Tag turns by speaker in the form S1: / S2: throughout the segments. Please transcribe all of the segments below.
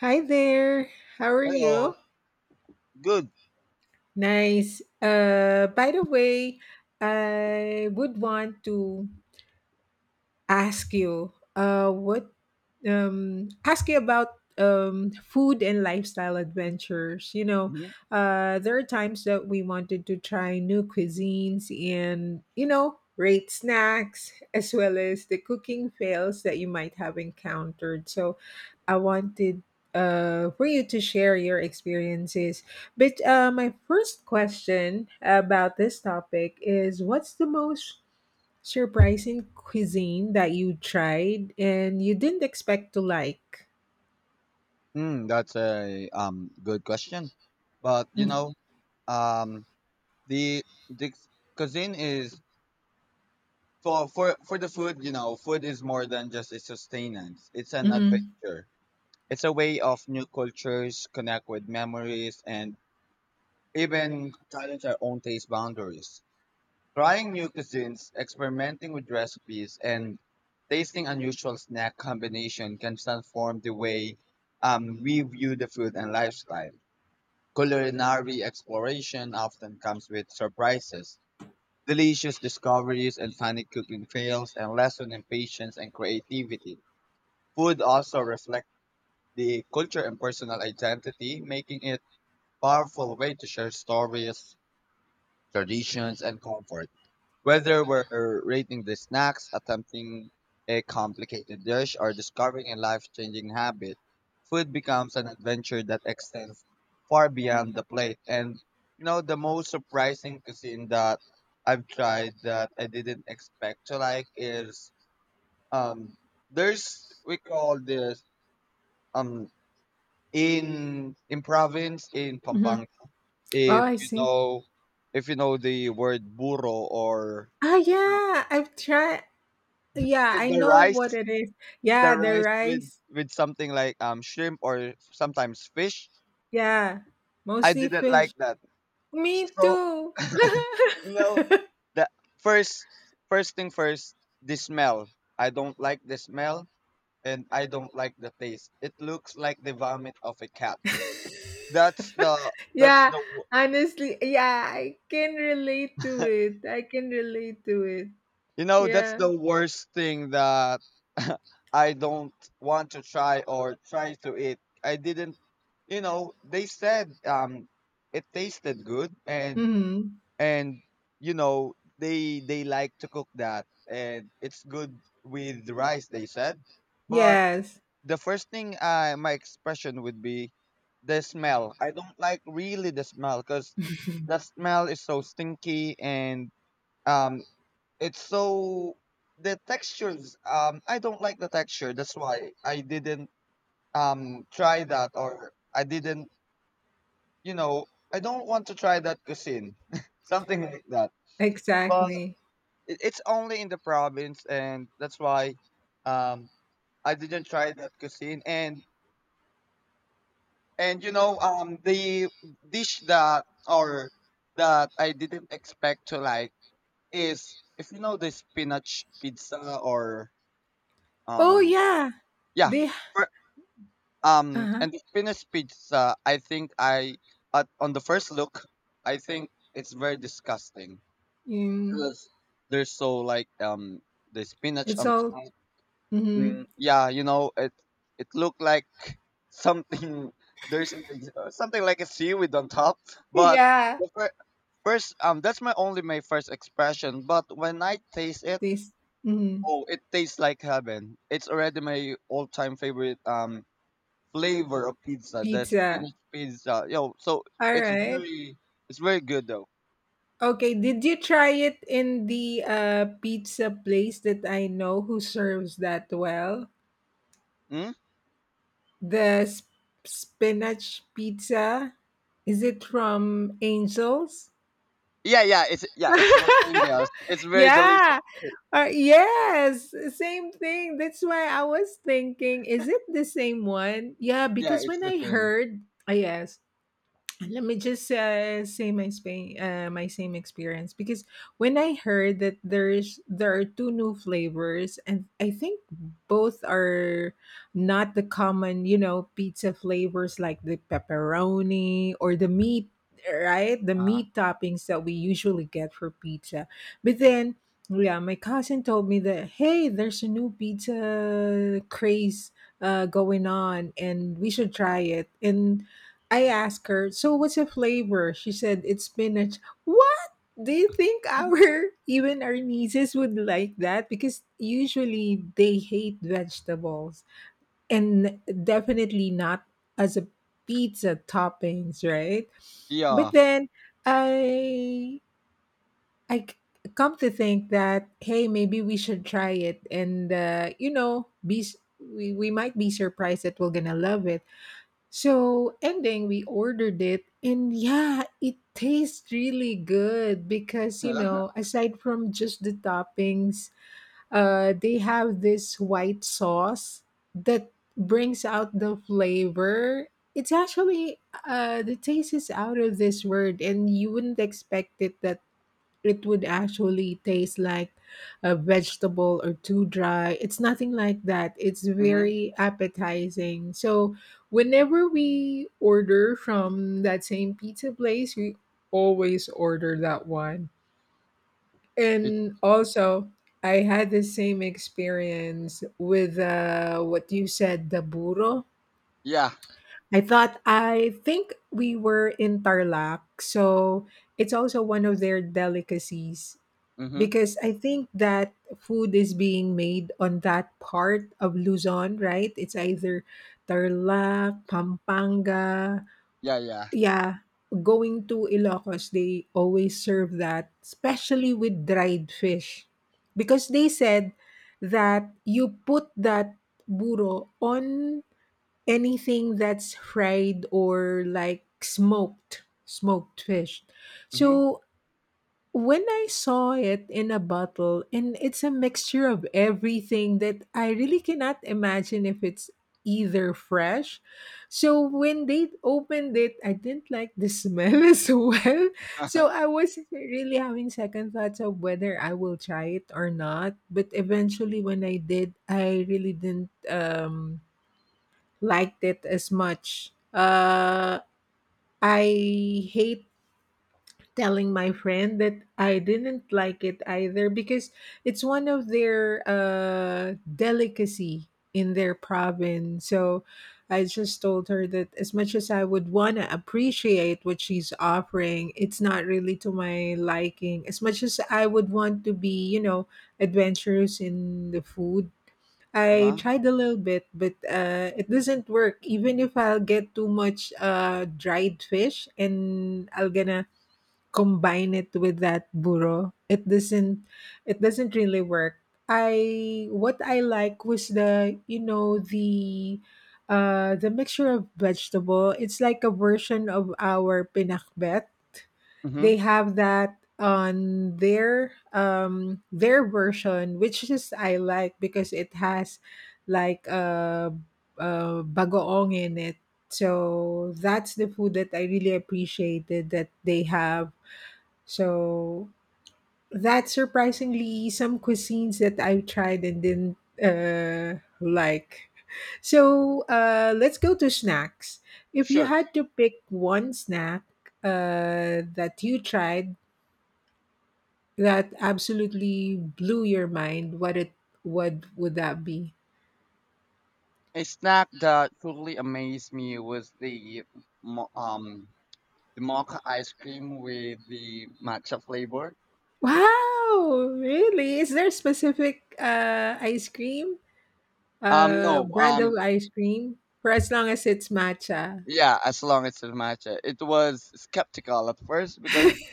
S1: Hi there. How are
S2: Hello.
S1: you?
S2: Good.
S1: Nice. By the way, I would want to ask you uh what ask you about food and lifestyle adventures,
S2: Hmm.
S1: there are times that we wanted to try new cuisines and, rate snacks as well as the cooking fails that you might have encountered. So I wanted for you to share your experiences, but my first question about this topic is, what's the most surprising cuisine that you tried and you didn't expect to like?
S2: Mm, that's a good question, but um the the cuisine is for the food. You know, food is more than just a sustenance. It's an
S1: Mm-hmm.
S2: adventure. It's a way of new cultures connect with memories and even challenge our own taste boundaries. Trying new cuisines, experimenting with recipes, and tasting unusual snack combination can transform the way we view the food and lifestyle. Culinary exploration often comes with surprises, delicious discoveries, and funny cooking fails, and lesson in patience and creativity. Food also reflects the culture and personal identity, making it powerful way to share stories, traditions, and comfort. Whether we're rating the snacks, attempting a complicated dish, or discovering a life changing habit, food becomes an adventure that extends far beyond the plate. And, you know, the most surprising cuisine that I've tried that I didn't expect to like is um, there's, we call this, um, in province in
S1: Mm-hmm.
S2: Pampanga,
S1: Oh,
S2: if
S1: I
S2: you
S1: see.
S2: know if you know the word burro, or
S1: Ah, yeah, I've tried. Yeah,
S2: it-
S1: I
S2: the
S1: know what
S2: rice
S1: it is.
S2: the
S1: Yeah, the
S2: rice with
S1: rice.
S2: something like shrimp or sometimes fish.
S1: Yeah,
S2: I
S1: mostly
S2: didn't
S1: fish.
S2: like that.
S1: Me
S2: So,
S1: too.
S2: you know, the first first thing first, the smell. I don't like the smell, and I don't like the taste. It looks like the vomit of a cat. That's the that's
S1: Yeah,
S2: the wo-
S1: honestly, yeah, I can relate to it. I can relate to it.
S2: you know, that's
S1: Yeah.
S2: the worst thing that I don't want to try or try to eat. I didn't They said it tasted good, and
S1: Hmm.
S2: and you know, they like to cook that, and it's good with rice, they said. But
S1: Yes,
S2: the first thing, I my expression would be the smell. I don't like really the smell, because the smell is so stinky, and um it's so the textures I don't like the texture. That's why I didn't try that, or I didn't, you know I don't want to try that cuisine, something like that. But
S1: exactly.
S2: It's only in the province, and that's why, um, I didn't try that cuisine. And you know, the dish that, or that I didn't expect to like, is if you know the spinach pizza, or
S1: Oh,
S2: um
S1: yeah,
S2: yeah,
S1: they
S2: for,
S1: Uh-huh.
S2: and the spinach pizza, I think I, at, on the first look, I think it's very disgusting
S1: Mm.
S2: because they're so like, the spinach
S1: it's
S2: on
S1: all
S2: top.
S1: mhm.
S2: Mm, yeah, you know, it looked like something, there's something like a seaweed on top. But
S1: Yeah.
S2: the fir- first that's my only, my first expression. But when I taste it,
S1: This mhm,
S2: oh, it tastes like heaven. It's already my all-time favorite flavor of pizza, the
S1: pizza.
S2: spinach pizza. Yo, so
S1: All
S2: it's
S1: right.
S2: really, it's very good though.
S1: Okay, did you try it in the, pizza place that I know who serves that well?
S2: Mm?
S1: The spinach pizza? Is it from Angels?
S2: Yeah, yeah, it's, yeah, it's from India's. It's very delicious.
S1: Yeah. Yes, same thing. That's why I was thinking, is it the same one? Yeah,
S2: Yeah,
S1: because
S2: it's
S1: when
S2: the
S1: I
S2: same.
S1: heard, ah, yes, let me just say my same experience, because when I heard that there are two new flavors, and I think both are not the common, you know, pizza flavors like the pepperoni or the meat, right, the
S2: Uh-huh.
S1: meat toppings that we usually get for pizza. But then, yeah, my cousin told me that, hey, there's a new pizza craze going on and we should try it. And I asked her, so what's the flavor? She said, it's spinach. What? Do you think our, even our nieces would like that? Because usually they hate vegetables, and definitely not as a pizza toppings, right? But
S2: Yeah.
S1: then, I, I c- come to think that, hey, maybe we should try it and, we might be surprised that we're going to love it. So ending, we ordered it, and yeah, it tastes really good because, you know, aside from just the toppings, they have this white sauce that brings out the flavor. It's actually, the taste is out of this word, and you wouldn't expect it that it would actually taste like a vegetable or too dry. It's nothing like that. It's
S2: Hmm.
S1: very appetizing. So whenever we order from that same pizza place, we always order that one.
S2: It.
S1: And also, I had the same experience with, what you said, the burro.
S2: Yeah.
S1: I thought, I think we were in Tarlac. So it's also one of their delicacies,
S2: Mm-hmm.
S1: because I think that food is being made on that part of Luzon, right? It's either Tarlac, Pampanga.
S2: Yeah, yeah.
S1: Yeah, going to Ilocos, they always serve that, especially with dried fish. Because they said that you put that buro on anything that's fried, or like smoked, smoked fish.
S2: Mm-hmm.
S1: So when I saw it in a bottle, and it's a mixture of everything that I really cannot imagine if it's either fresh. So when they opened it, I didn't like the smell as well. So
S2: Uh-huh.
S1: I was really having second thoughts of whether I will try it or not. But eventually, when I did, I really didn't, liked it as much. I hate telling my friend that I didn't like it either, because it's one of their, delicacy in their province. So I just told her that as much as I would want to appreciate what she's offering, it's not really to my liking. As much as I would want to be, you know, adventurous in the food. I
S2: Uh-huh.
S1: tried a little bit, but it doesn't work. Even if I'll get too much, dried fish and I'll gonna combine it with that burro, it doesn't really work. I what i like was, the you know, the mixture of vegetable. It's like a version of our pinakbet.
S2: Mm-hmm.
S1: They have that on their version, which is I like, because it has like a bagoong in it. So that's the food that I really appreciated that they have. So that's surprisingly some cuisines that I have tried and didn't, like. So, let's go to snacks. If you
S2: Sure.
S1: had to pick one snack, that you tried that absolutely blew your mind, what would that be?
S2: A snack that totally amazed me was the mo- um the mocha ice cream with the matcha flavor.
S1: Wow, really? Is there a specific, ice cream? Uh,
S2: No,
S1: brand of ice cream, for as long as it's matcha.
S2: yeah, as long as it's matcha. It was skeptical at first because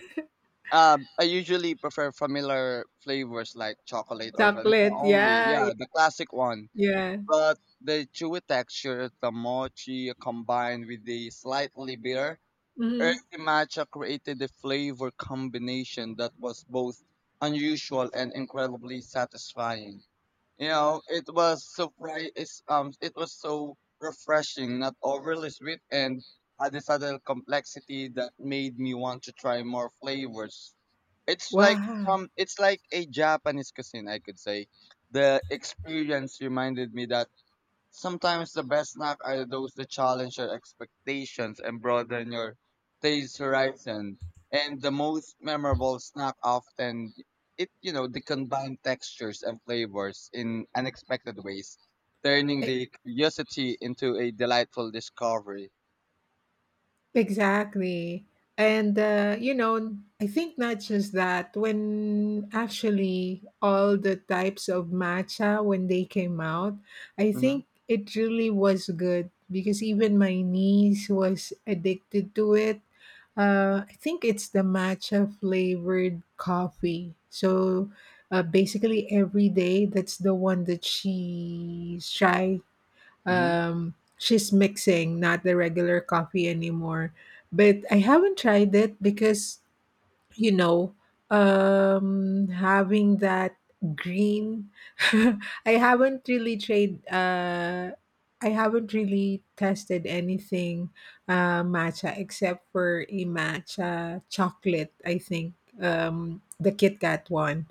S2: I usually prefer familiar flavors like chocolate or vanilla
S1: Chocolate,
S2: only.
S1: yeah.
S2: Yeah, the classic one.
S1: Yeah.
S2: But the chewy texture of the mochi combined with the slightly bitter,
S1: Mhm.
S2: earthy matcha created a flavor combination that was both unusual and incredibly satisfying. You know, it was so, it's, it was so refreshing, not overly sweet, and had this subtle complexity that made me want to try more flavors. It's like
S1: Wow.
S2: from, it's like a Japanese cuisine, I could say. The experience reminded me that sometimes the best snacks are those that challenge your expectations and broaden your taste horizon. And the most memorable snack often, it, you know, they combine textures and flavors in unexpected ways, turning
S1: E
S2: the curiosity into a delightful discovery.
S1: exactly. And, you know, I think not just that, when actually all the types of matcha, when they came out, I
S2: Mhm.
S1: think it really was good because even my niece was addicted to it. I think it's the matcha flavored coffee. So, basically, every day, that's the one that she try.
S2: Mhm.
S1: She's mixing, not the regular coffee anymore. But I haven't tried it because, you know, having that green, I haven't really tried. I haven't really tested anything, matcha, except for a matcha chocolate. I think, the Kit Kat one.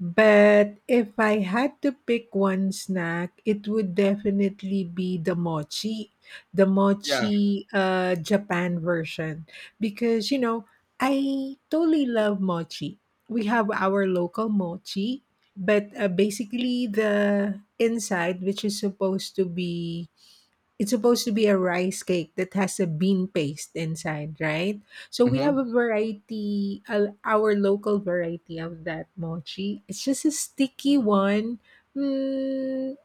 S1: But if I had to pick one snack, it would definitely be the mochi, the
S2: Yeah.
S1: mochi uh, Japan version. Because, you know, I totally love mochi. We have our local mochi, but basically the inside, which is supposed to be it's supposed to be a rice cake that has a bean paste inside, right? So we have
S2: Mhm.
S1: a variety, our local variety of that mochi. It's just a sticky one. Mm,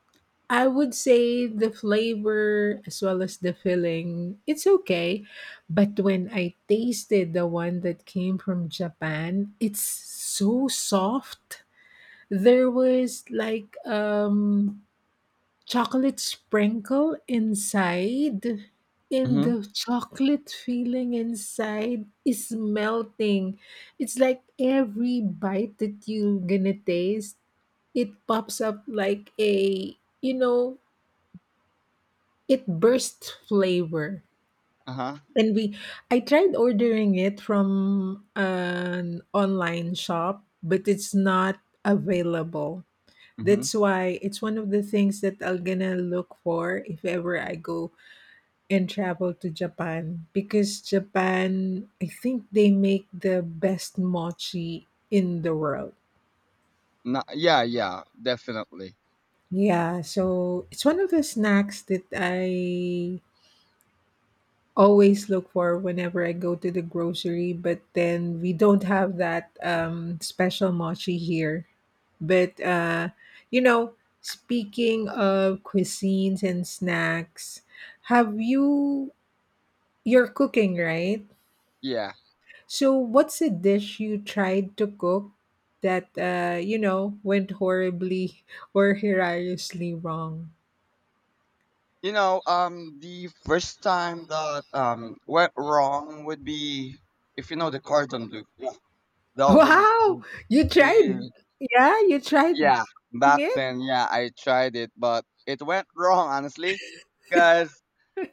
S1: I would say the flavor as well as the filling, it's okay. But when I tasted the one that came from Japan, it's so soft. There was like, chocolate sprinkle inside, and
S2: Mhm.
S1: the chocolate filling inside is melting. It's like every bite that you gonna taste, it pops up like a you know it burst flavor.
S2: Uh huh.
S1: And we i tried ordering it from an online shop, but it's not available.
S2: Mhm.
S1: That's why it's one of the things that I'm gonna look for if ever I go and travel to Japan, because Japan, I think, they make the best mochi in the world.
S2: Yeah. Yeah. Definitely.
S1: Yeah, so it's one of the snacks that I always look for whenever I go to the grocery, but then we don't have that, special mochi here. But, you know, speaking of cuisines and snacks, have you, you're cooking, right?
S2: Yeah.
S1: So, what's a dish you tried to cook that, went horribly or hilariously wrong?
S2: You know, the first time that went wrong would be if you know the cordon bleu. Yeah. That would
S1: Wow,
S2: be
S1: you tried?
S2: the,
S1: Yeah, you tried
S2: yeah.
S1: cooking
S2: Back
S1: it.
S2: then, yeah, I tried it, but it went wrong, honestly, because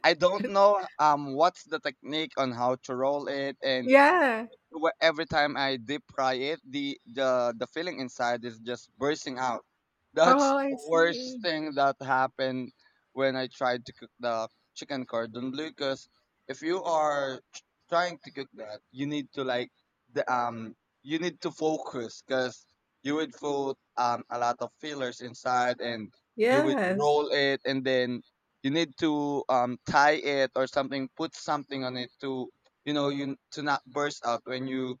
S2: I don't know what's the technique on how to roll it, and
S1: Yeah.
S2: every time I deep fry it, the filling inside is just bursting out. That's
S1: Oh, I
S2: the worst
S1: see.
S2: thing that happened when I tried to cook the chicken cordon bleu. Because if you are trying to cook that, you need to like the you need to focus, because you would put a lot of fillers inside, and you would
S1: Yes.
S2: roll it, and then you need to tie it, or something, put something on it to, you know, you to not burst out when you,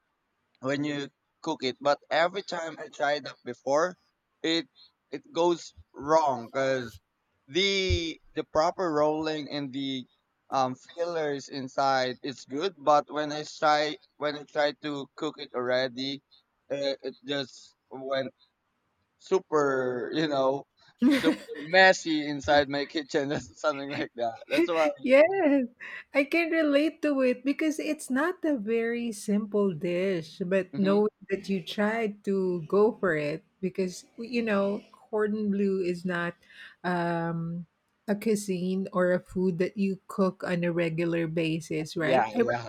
S2: when you cook it. But every time I tried that before, it it goes wrong, because the proper rolling and the fillers inside is good, but when I try, when I try to cook it already, it just went super, you know, super messy inside my kitchen, something like that. That's why.
S1: Yes, I can relate to it, because it's not a very simple dish, but
S2: Mhm.
S1: knowing that you tried to go for it, because you know cordon bleu is not, um, a cuisine or a food that you cook on a regular basis, right?
S2: Yeah,
S1: I,
S2: yeah.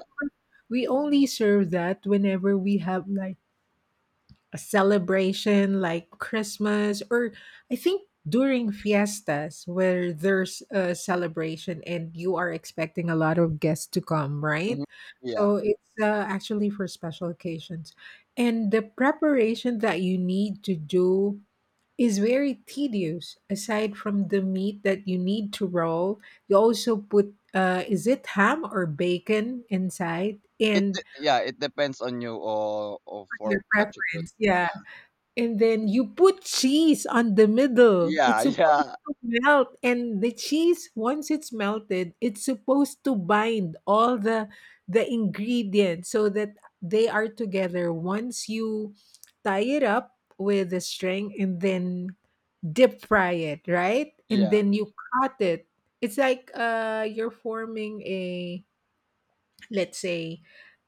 S1: we only serve that whenever we have like a celebration like Christmas, or I think during fiestas where there's a celebration and you are expecting a lot of guests to come, right?
S2: Mhm.
S1: So it's, actually for special occasions. And the preparation that you need to do is very tedious. Aside from the meat that you need to roll, you also put, is it ham or bacon inside,
S2: It
S1: and
S2: yeah, it depends on you, or
S1: your
S2: for what you put.
S1: preference. Yeah.
S2: Yeah.
S1: And then you put cheese on the middle. It's
S2: Yeah,
S1: supposed
S2: yeah,
S1: to melt. And the cheese, once it's melted, it's supposed to bind all the ingredients so that they are together. Once you tie it up with a string and then dip fry it, right? And
S2: yeah.
S1: then you cut it. It's like, uh, you're forming a, let's say,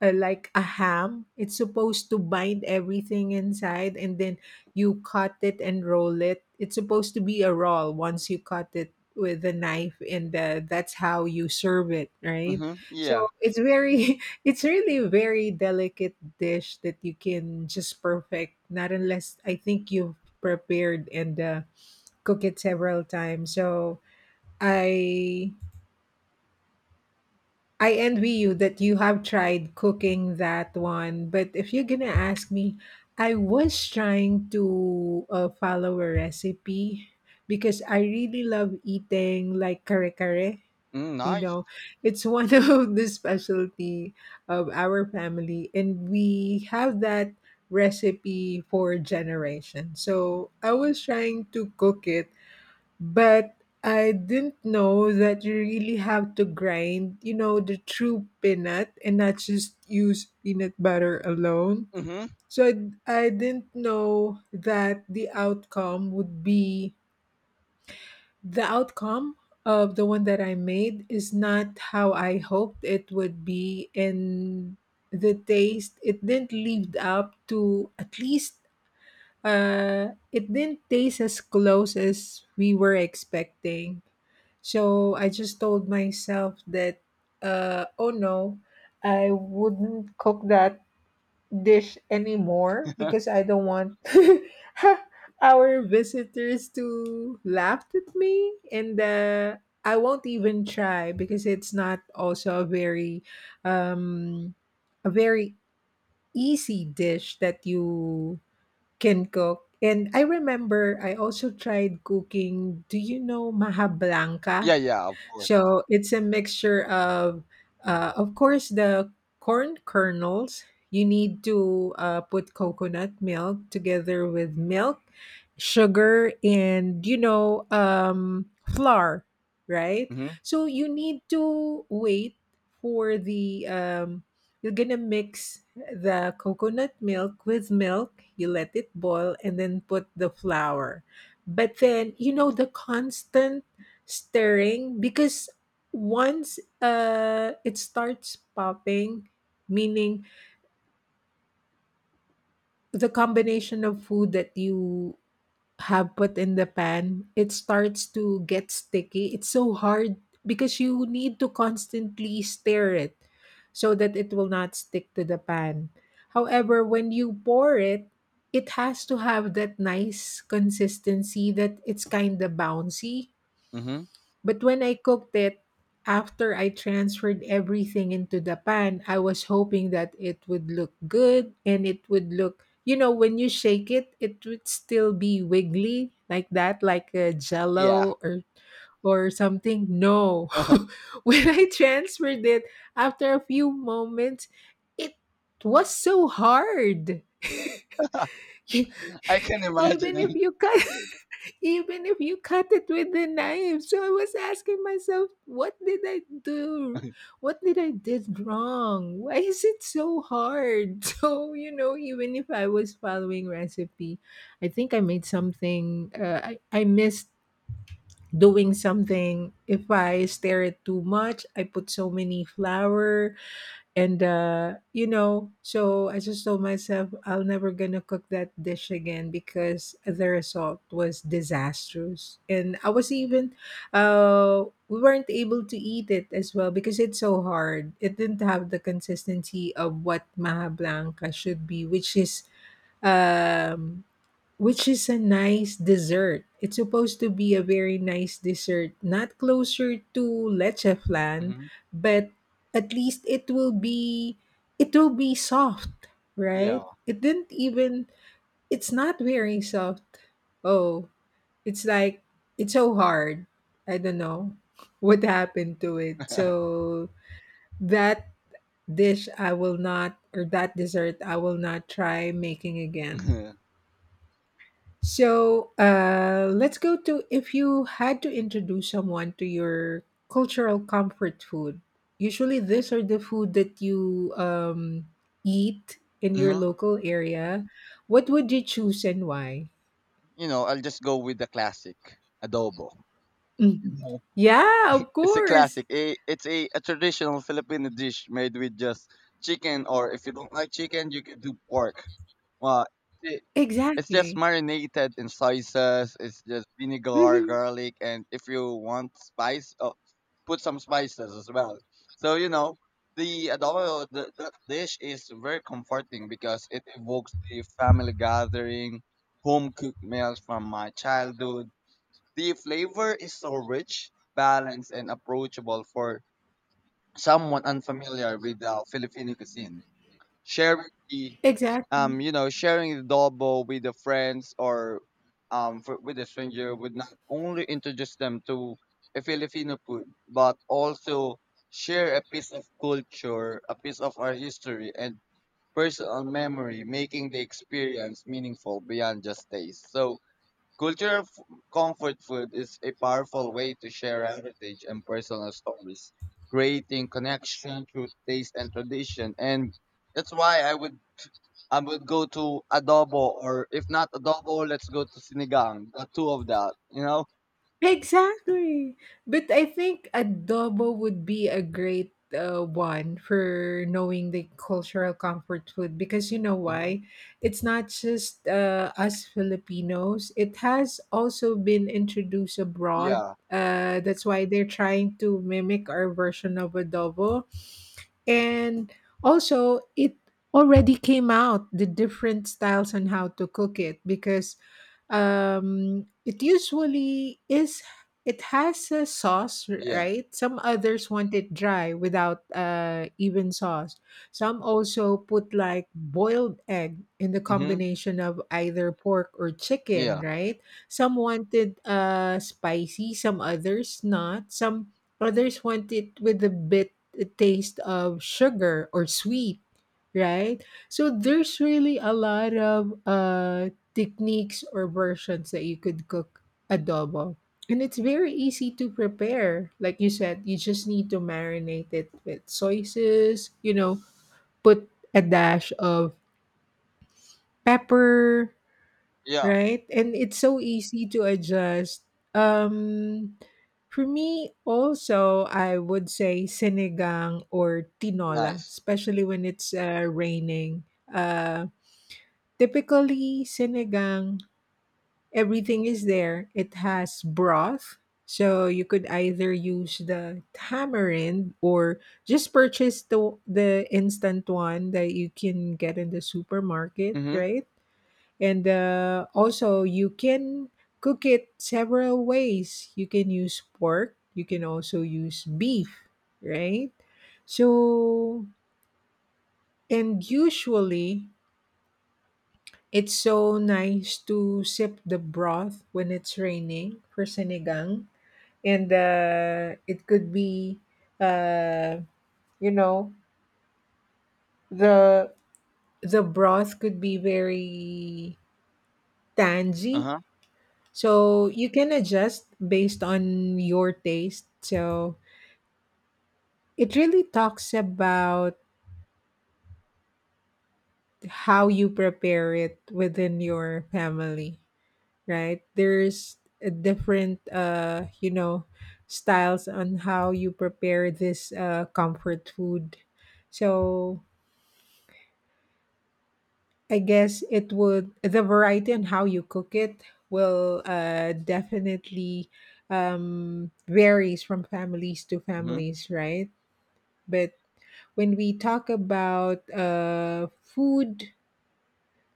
S1: like a ham. It's supposed to bind everything inside, and then you cut it and roll it. It's supposed to be a roll once you cut it with a knife. And, that's how you serve it, right?
S2: Mm-hmm.
S1: So
S2: Yeah.
S1: it's very it's really a very delicate dish that you can just perfect, not unless I think you've prepared and, cook it several times. So i I envy you that you have tried cooking that one. But if you're gonna ask me, I was trying to, follow a recipe because I really love eating like kare kare.
S2: Mm,
S1: You
S2: nice.
S1: know, it's one of the specialty of our family, and we have that recipe for generation. So I was trying to cook it, but I didn't know that you really have to grind, you know, the true peanut and not just use peanut butter alone.
S2: Mm-hmm.
S1: So I didn't know that the outcome of the one that I made is not how I hoped it would be. And the taste, it didn't live up to, at least, it didn't taste as close as we were expecting. So I just told myself that, oh no, I wouldn't cook that dish anymore because I don't want our visitors to laugh at me. And I won't even try because it's not also um, a very easy dish that you can cook. And I remember I also tried cooking, do you know maha blanca?
S2: Yeah, yeah, of course.
S1: So it's a mixture of course, the corn kernels. You need to put coconut milk together with milk, sugar, and flour, right?
S2: Mm-hmm.
S1: So you need to wait for the. You're gonna mix the coconut milk with milk. You let it boil, and then put the flour. But then you know the constant stirring because once, it starts popping, meaning the combination of food that you have put in the pan, it starts to get sticky. It's so hard because you need to constantly stir it so that it will not stick to the pan. However, when you pour it, it has to have that nice consistency that it's kind of bouncy.
S2: Mm-hmm.
S1: But when I cooked it, after I transferred everything into the pan, I was hoping that it would look good and it would look, you know, when you shake it, it would still be wiggly like that, like a
S2: Yeah.
S1: jello or something. No. When I transferred it after a few moments, it was so hard.
S2: I can imagine
S1: Even if
S2: it.
S1: you cut even if you cut it with the knife. So I was asking myself, what did I do, what did I did wrong, why is it so hard? So you know, even if I was following recipe, I think I made something, I missed doing something. If I stir it too much, I put so many flour. And so I just told myself I'll never gonna cook that dish again because the result was disastrous. And I was even, we weren't able to eat it as well because it's so hard. It didn't have the consistency of what Maha Blanca should be, um which is a nice dessert. It's supposed to be a very nice dessert, not closer to leche flan,
S2: Mm-hmm.
S1: but at least it will be, it will be soft,
S2: Yeah.
S1: right? It didn't even, it's not very soft. Oh, it's like, it's so hard. I don't know what happened to it. So that dish I will not, or that dessert I will not try making again.
S2: Hmm.
S1: So let's go to, if you had to introduce someone to your cultural comfort food. Usually, these are the food that you eat in your local area. What would you choose and why?
S2: You know, I'll just go with the classic adobo.
S1: Mhm.
S2: Mm-hmm.
S1: Yeah, of
S2: It's a
S1: course.
S2: classic. It's a traditional Filipino dish made with just chicken, or if you don't like chicken, you can do pork. Well, it, it's just
S1: Exactly.
S2: marinated in sauces. It's just vinegar,
S1: Mhm.
S2: garlic, and if you want spice, oh, put some spices as well. So you know the adobo, the, that dish is very comforting because it evokes the family gathering, home cooked meals from my childhood. The flavor is so rich, balanced, and approachable for someone unfamiliar with Filipino cuisine. Sharing the,
S1: Exactly.
S2: you know, sharing the adobo with the friends, or for, with a stranger, would not only introduce them to a Filipino food, but also share a piece of culture, a piece of our history, and personal memory, making the experience meaningful beyond just taste. So, Cultural f- comfort food is a powerful way to share heritage and personal stories, creating connection through taste and tradition. And that's why I would, I would go to adobo, or if not adobo, let's go to sinigang. The two of that, you know.
S1: Exactly. But I think adobo would be a great one for knowing the cultural comfort food, because you know
S2: Hmm.
S1: why? It's not just us Filipinos, it has also been introduced abroad.
S2: Yeah,
S1: That's why they're trying to mimic our version of adobo, and also it already came out the different styles on how to cook it. Because it usually is, it has a sauce,
S2: yeah.
S1: right? Some others want it dry without even sauce. Some also put like boiled egg in the
S2: Hmm.
S1: combination of either pork or chicken,
S2: Yeah,
S1: right? Some wanted spicy, some others not. Some others want it with a bit, a taste of sugar or sweet, right? So there's really a lot of techniques or versions that you could cook adobo. And it's very easy to prepare. Like you said, you just need to marinate it with soy sauce, you know, put a dash of pepper,
S2: yeah.
S1: right? And it's so easy to adjust. Um, for me, also, I would say sinigang or tinola,
S2: Nice.
S1: especially when it's raining. Uh, Typically, sinigang, everything is there. It has broth. So you could either use the tamarind or just purchase the instant one that you can get in the supermarket,
S2: Hmm.
S1: right? And also you can cook it several ways. You can use pork, you can also use beef, right? So, and usually it's so nice to sip the broth when it's raining for sinigang. And it could be, uh, you know, the the broth could be very
S2: Uh
S1: tangy.
S2: huh.
S1: So you can adjust based on your taste. So it really talks about how you prepare it within your family, right? There's a different, you know, styles on how you prepare this comfort food. So I guess it would, the variety and how you cook it will definitely varies from families to
S2: Hmm.
S1: families, right? But when we talk about food,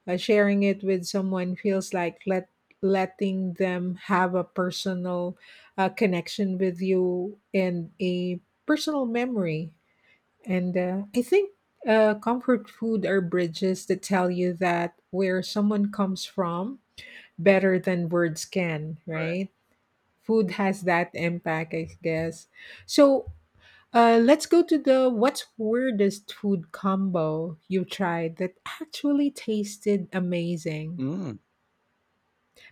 S1: sharing it with someone feels like letting them have a personal connection with you and a personal memory. And I think comfort food are bridges that tell you that where someone comes from better than words can,
S2: Correct.
S1: right? Food has that impact, I guess. So let's go to the, what's weirdest food combo you tried that actually tasted amazing?
S2: Mm.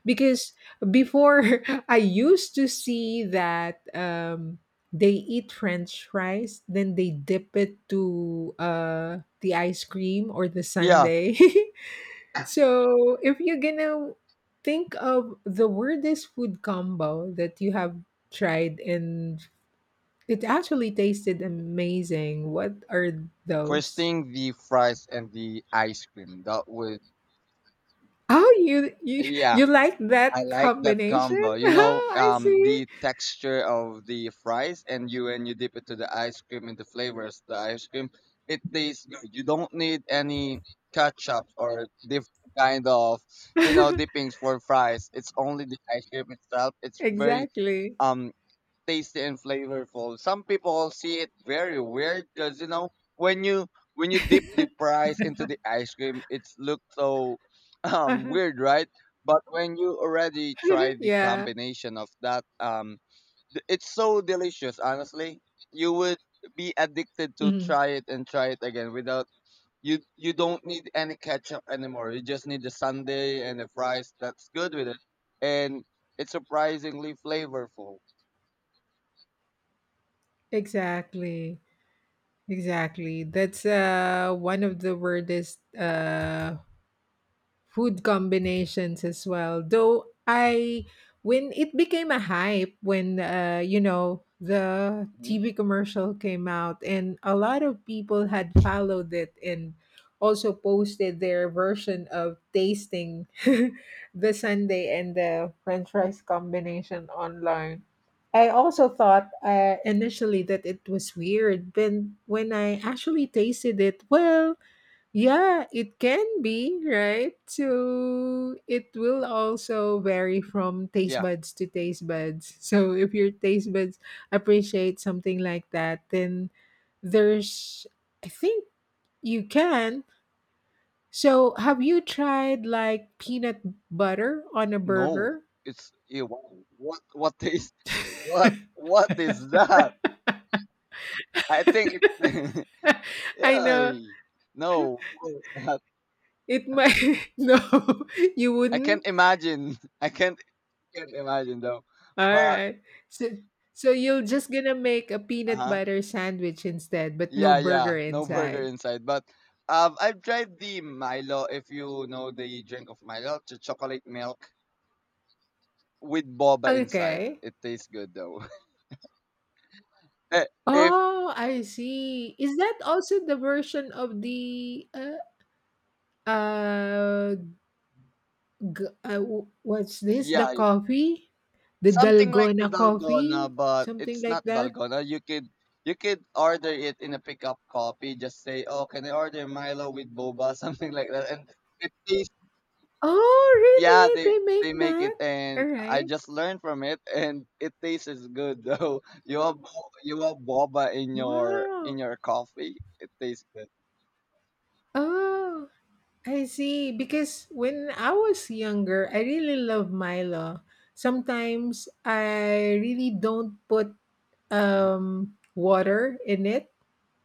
S1: Because before I used to see that they eat French fries, then they dip it to the ice cream or the
S2: Yeah.
S1: sundae. So if you're gonna think of the weirdest food combo that you have tried in, it actually tasted amazing. What are
S2: First
S1: those?
S2: thing, the fries and the ice cream. That would.
S1: Oh, you
S2: Yeah.
S1: you like
S2: I
S1: that
S2: like that
S1: combination?
S2: combo. You know,
S1: Oh, I see.
S2: the texture of the fries, and you, when you dip it to the ice cream and the flavors of the ice cream, it tastes good. You don't need any ketchup or different kind of, you know, dippings for fries. It's only the ice cream itself. It's very
S1: Exactly.
S2: um tasty and flavorful. Some people see it very weird, because you know, when you, when you dip the fries into the ice cream, it's look so weird, right? But when you already try the
S1: Yeah.
S2: combination of that, it's so delicious. Honestly, you would be addicted to
S1: Mhm.
S2: try it and try it again without you. You don't need any ketchup anymore. You just need the sundae and the fries. That's good with it, and it's surprisingly flavorful.
S1: Exactly. Exactly. That's one of the weirdest food combinations as well. Though I, when it became a hype, when you know the
S2: Hmm.
S1: TV commercial came out, and a lot of people had followed it and also posted their version of tasting the sundae and the French fries combination online. I also thought initially that it was weird, but when I actually tasted it, well, yeah, it can be, right? So it will also vary from taste
S2: Yeah.
S1: buds to taste buds. So if your taste buds appreciate something like that, then there's, I think you can. So have you tried like peanut butter on a
S2: No,
S1: burger?
S2: it's ew, wow, what is, what is that? I think it.
S1: I know
S2: Yeah. No, of course not.
S1: it might, no, you
S2: I
S1: wouldn't.
S2: can't imagine. I can't imagine though. But
S1: Alright. So so you're just gonna make a peanut
S2: uh-huh.
S1: butter sandwich instead, but no
S2: Yeah,
S1: burger
S2: yeah. No burger
S1: inside.
S2: inside. But I've tried the Milo, if you know the drink of Milo, the chocolate milk with boba inside.
S1: Okay.
S2: It tastes good though. Eh, if
S1: Oh, I see. Is that also the version of the uh, what's this? The
S2: yeah,
S1: coffee? The
S2: something like the
S1: Dalgona coffee?
S2: dalgona, but
S1: Something
S2: it's
S1: like
S2: not
S1: that?
S2: dalgona. You could, you could order it in a pickup copy. Just say, oh, can I order Milo with boba, something like that, and it tastes,
S1: Oh,
S2: yeah, they
S1: really? They make
S2: they make
S1: that?
S2: it,
S1: All
S2: and I
S1: right.
S2: just learned from it, and it tastes good though. You have you have boba in your, in
S1: Wow.
S2: your coffee. It tastes good.
S1: Oh. I see. Because when I was younger, I really love Milo. Sometimes I really don't put
S2: Mhm.
S1: water in it.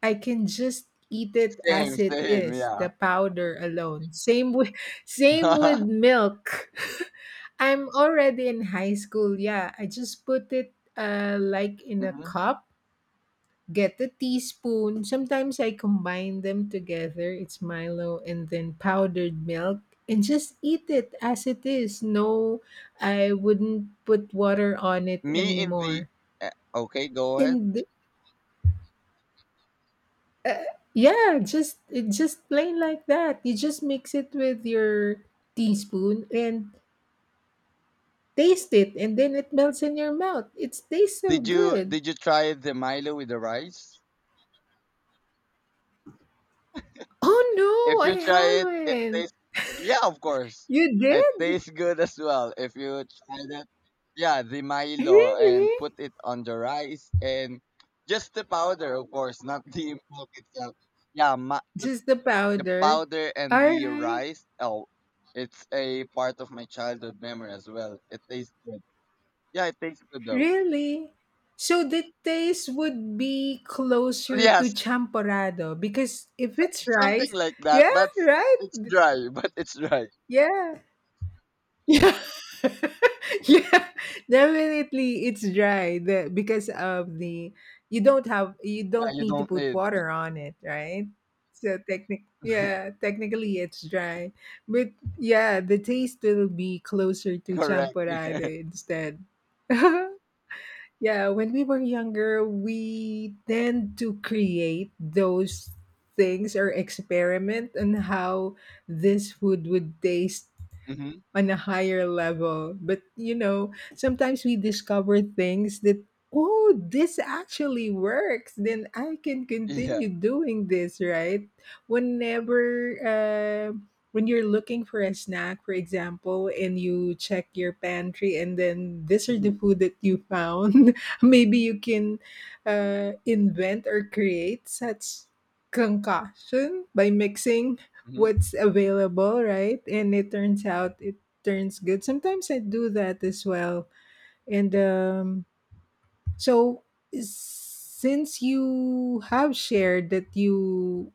S1: I can just eat it
S2: Same,
S1: as it
S2: same,
S1: is,
S2: yeah.
S1: the powder alone. Same with same with milk. I'm already in high school. Yeah, I just put it like in a
S2: Mhm.
S1: cup. Get a teaspoon. Sometimes I combine them together. It's Milo and then powdered milk and just eat it as it is. No, I wouldn't put water on it
S2: Me in the,
S1: anymore.
S2: eh, okay, go ahead.
S1: And yeah, just it just plain like that. You just mix it with your teaspoon and taste it and then it melts in your mouth. It tastes so
S2: Did you,
S1: good.
S2: did you try the Milo with the rice?
S1: Oh
S2: If
S1: no, I
S2: you try it, it
S1: haven't.
S2: tastes, yeah, of course.
S1: You
S2: It
S1: did?
S2: tastes good as well. If you try that, yeah, the Milo,
S1: Really?
S2: and put it on the rice, and just the powder, of course, not the milk itself. Yeah, the
S1: Just the
S2: the
S1: powder.
S2: powder and
S1: All
S2: the
S1: right.
S2: rice. Oh, it's a part of my childhood memory as well. It tastes good. Yeah, it tastes good though.
S1: Really? So the taste would be closer to
S2: Yes,
S1: champorado, because if it's
S2: something
S1: rice,
S2: like that,
S1: yeah,
S2: but it's
S1: right?
S2: dry. But it's dry.
S1: Yeah. Yeah. Yeah. Definitely it's dry, the, because of the, you don't have, you
S2: Yeah,
S1: don't
S2: you
S1: need to
S2: don't
S1: put
S2: need.
S1: water on it, right? So technic, yeah, technically it's dry. But yeah, the taste will be closer to
S2: Correct.
S1: champorado instead. Yeah, when we were younger we tend to create those things or experiment on how this food would taste
S2: Mhm.
S1: on a higher level. But you know, sometimes we discover things that, oh, this actually works. Then I can
S2: Yeah.
S1: continue doing this, right? Whenever when you're looking for a snack, for example, and you check your pantry, and then these are the
S2: Mm-hmm.
S1: food that you found. Maybe you can invent or create such concoction by mixing
S2: Mm-hmm.
S1: what's available, right? And it turns out it turns good. Sometimes I do that as well. And so, since you have shared that you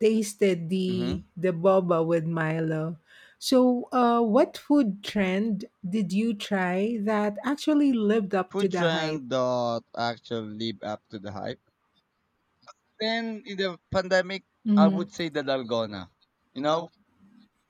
S1: tasted the
S2: Mm-hmm.
S1: the boba with Milo, so what food trend did you try that actually lived up to
S2: Food
S1: the hype?
S2: trend that actually live up to the hype. Then in the pandemic, I
S1: Mhm.
S2: would say the dalgona. You know,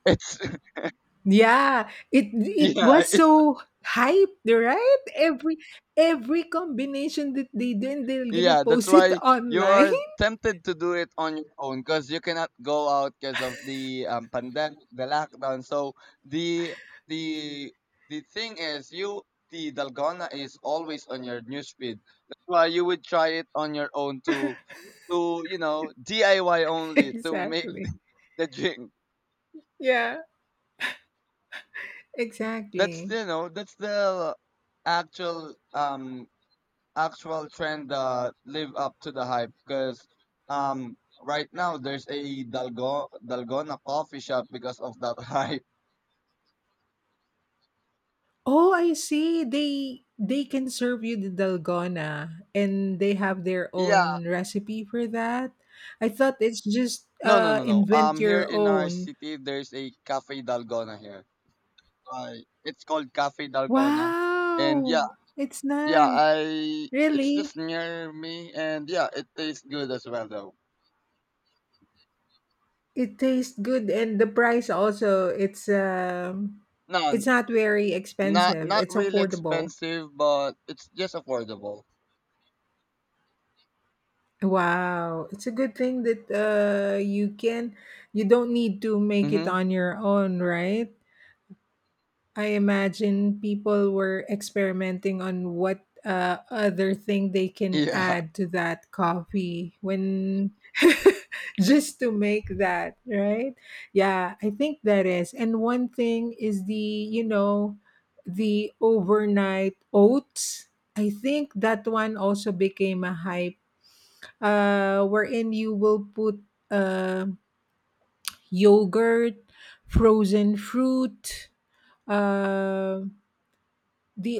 S2: it's,
S1: Yeah, it
S2: yeah,
S1: was
S2: it's.
S1: so hyped, right? Every combination that they do, and they're gonna
S2: Yeah, that's
S1: post it
S2: why you
S1: online.
S2: are tempted to do it on your own, because you cannot go out because of the pandemic, the lockdown. So the the the thing is, you, the dalgona is always on your newsfeed. That's why you would try it on your own, to, you know, DIY only, to make
S1: Exactly.
S2: the drink.
S1: Yeah.
S2: That's,
S1: Exactly.
S2: you know, that's the actual actual trend that live up to the hype, because right now there's a Dalgona coffee shop because of that hype.
S1: Oh, I see. They can serve you the dalgona and they have their
S2: Yeah.
S1: own recipe for that. I thought it's just
S2: No, no, no, no. Um,
S1: invent
S2: here
S1: your
S2: in our
S1: own.
S2: city there's a Cafe Dalgona here. Uh, it's called Cafe Dalgona. And yeah,
S1: Wow. It's
S2: yeah,
S1: nice.
S2: I, it's
S1: Really?
S2: just near me, and yeah, it tastes good as well though.
S1: It tastes good and the price also
S2: No,
S1: it's not very
S2: not,
S1: expensive.
S2: not
S1: It's
S2: really
S1: affordable.
S2: expensive, but it's just affordable.
S1: Wow. It's a good thing that you can, you don't need to make it
S2: Mhm.
S1: on your own, right? I imagine people were experimenting on what other thing they can
S2: Yeah.
S1: add to that coffee when just to make that, right? Yeah, I think that is. And one thing is the, you know, the overnight oats. I think that one also became a hype wherein you will put uh, yogurt, frozen fruit, um the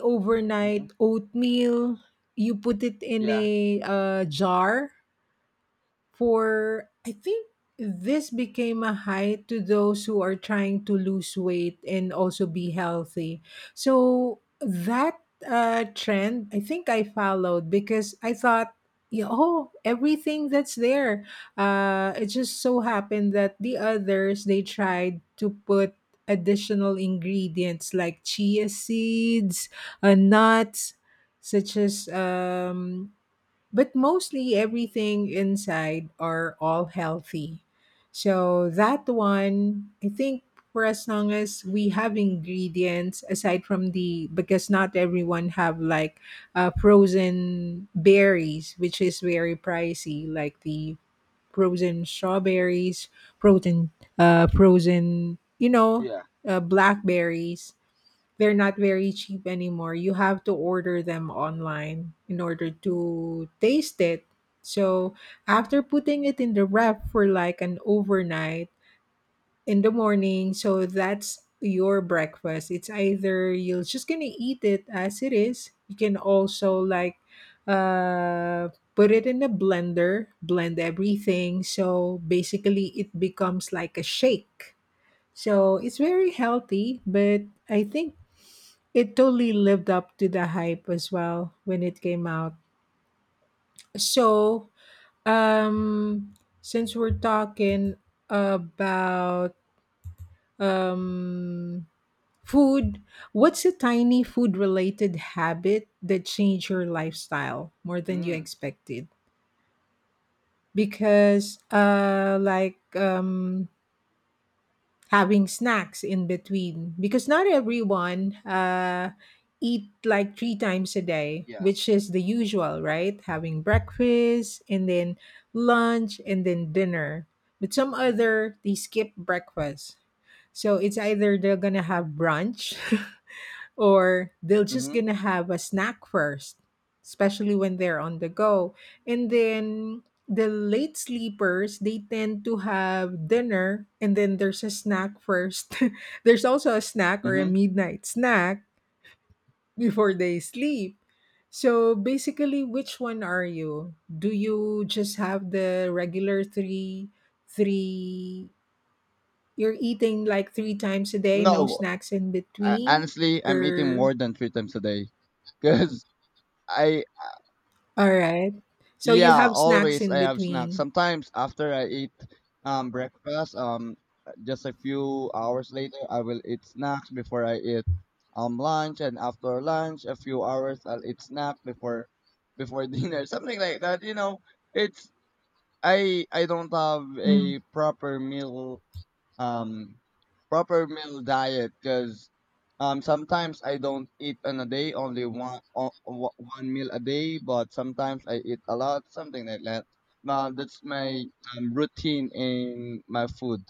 S2: Mhm.
S1: overnight oatmeal you put it in
S2: Yeah.
S1: a jar for I think this became a high to those who are trying to lose weight and also be healthy. So that trend, I think I followed because I thought, yeah, oh, everything that's there. It just so happened that the others they tried to put additional ingredients like chia seeds, nuts, such as but mostly everything inside are all healthy. So that one, I think for as long as we have ingredients aside from the because not everyone have like frozen berries, which is very pricey, like the frozen strawberries, frozen frozen
S2: Yeah.
S1: blackberries, they're not very cheap anymore. You have to order them online in order to taste it. So after putting it in the wrap for like an overnight in the morning, so that's your breakfast. It's either you're just gonna eat it as it is. You can also like uh put it in a blender, blend everything. So basically it becomes like a shake. So it's very healthy, but I think it totally lived up to the hype as well when it came out. So, um, since we're talking about um, food, what's a tiny food related habit that changed your lifestyle more than you
S2: Mm.
S1: expected? Because, like, having snacks in between, because not everyone eat like three times a day,
S2: Yeah.
S1: which is the usual, right? Having breakfast and then lunch and then dinner, but some other they skip breakfast, so it's either they're gonna have brunch or they'll just
S2: Mhm.
S1: gonna have a snack first, especially when they're on the go. And then the late sleepers, they tend to have dinner and then there's a snack first. There's also a snack or a
S2: Mhm.
S1: midnight snack before they sleep. So basically, which one are you? Do you just have the regular three, you're eating like three times a day, no
S2: No,
S1: snacks in
S2: I,
S1: between?
S2: honestly, I'm eating
S1: Or
S2: more than 3 times a day. Cause I,
S1: alright. So you
S2: yeah,
S1: have snacks
S2: always
S1: in
S2: I have snacks.
S1: between.
S2: Sometimes after I eat breakfast, just a few hours later, I will eat snacks before I eat lunch, and after lunch, a few hours, I'll eat snack before, before dinner, something like that. You know, it's, I don't have
S1: Mm.
S2: a proper meal, um proper meal diet, because sometimes I don't eat on a day, only 1 meal a day, but sometimes I eat a lot, something like that. Now that's my routine in my food.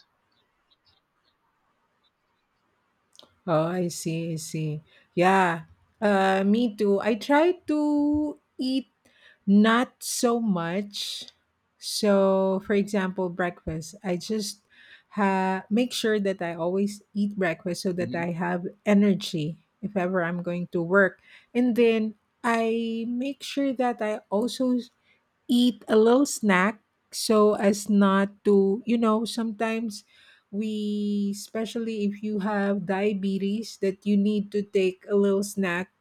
S1: Oh, I see, I see. Yeah. Me too. I try to eat not so much. So, for example, breakfast. I just make sure that I always eat breakfast so that I
S2: Hmm.
S1: have energy if ever I'm going to work. And then I make sure that I also eat a little snack so as not to, you know, sometimes we, especially if you have diabetes, that you need to take a little snack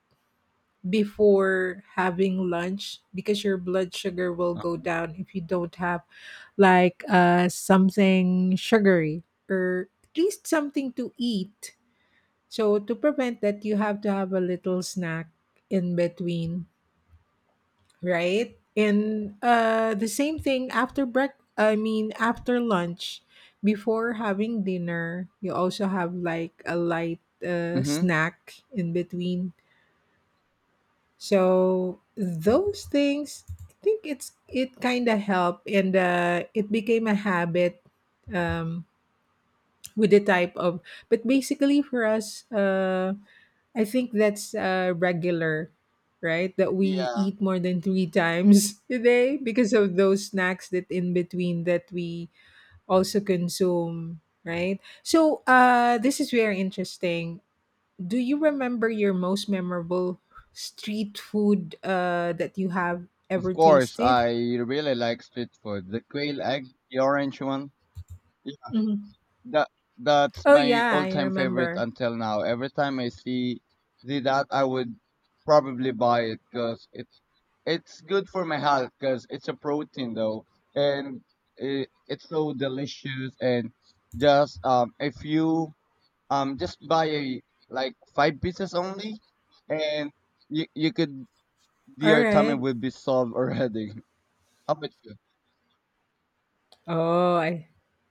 S1: before having lunch, because your blood sugar will go down if you don't have like something sugary or at least something to eat, so to prevent that you have to have a little snack in between, right? And the same thing after break. I mean, after lunch, before having dinner, you also have like a light
S2: Mm-hmm.
S1: snack in between. So those things, I think it's it kind of help, and it became a habit um, with the type of. But basically, for us. I think that's regular, right? That we
S2: Yeah,
S1: eat more than three times a day because of those snacks that in between that we also consume, right? So this is very interesting. Do you remember your most memorable street food that you have
S2: of
S1: ever
S2: course.
S1: tasted?
S2: I really like street food. The quail egg, the orange one. Yeah,
S1: Mhm.
S2: that, that's
S1: Oh
S2: my
S1: yeah, I
S2: all-time favorite
S1: remember.
S2: until now. Every time I see, see that, I would probably buy it, because it, it's good for my health, because it's a protein though, and it's so delicious. And just if you just buy a, like 5 pieces only, and you could,
S1: All
S2: your tummy
S1: right.
S2: will be solved already. How about you?
S1: Oh,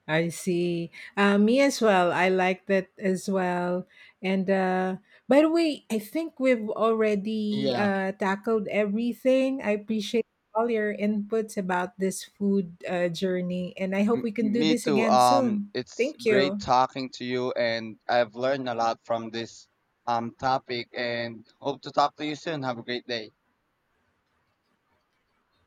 S1: I see. Me as well. I like that as well. And by the way, I think we've already
S2: Yeah,
S1: tackled everything. I appreciate all your inputs about this food journey, and I hope we can do
S2: me
S1: this
S2: too.
S1: again soon.
S2: It's
S1: Thank
S2: great
S1: you.
S2: talking to you, and I've learned a lot from this topic. And hope to talk to you soon. Have a great day.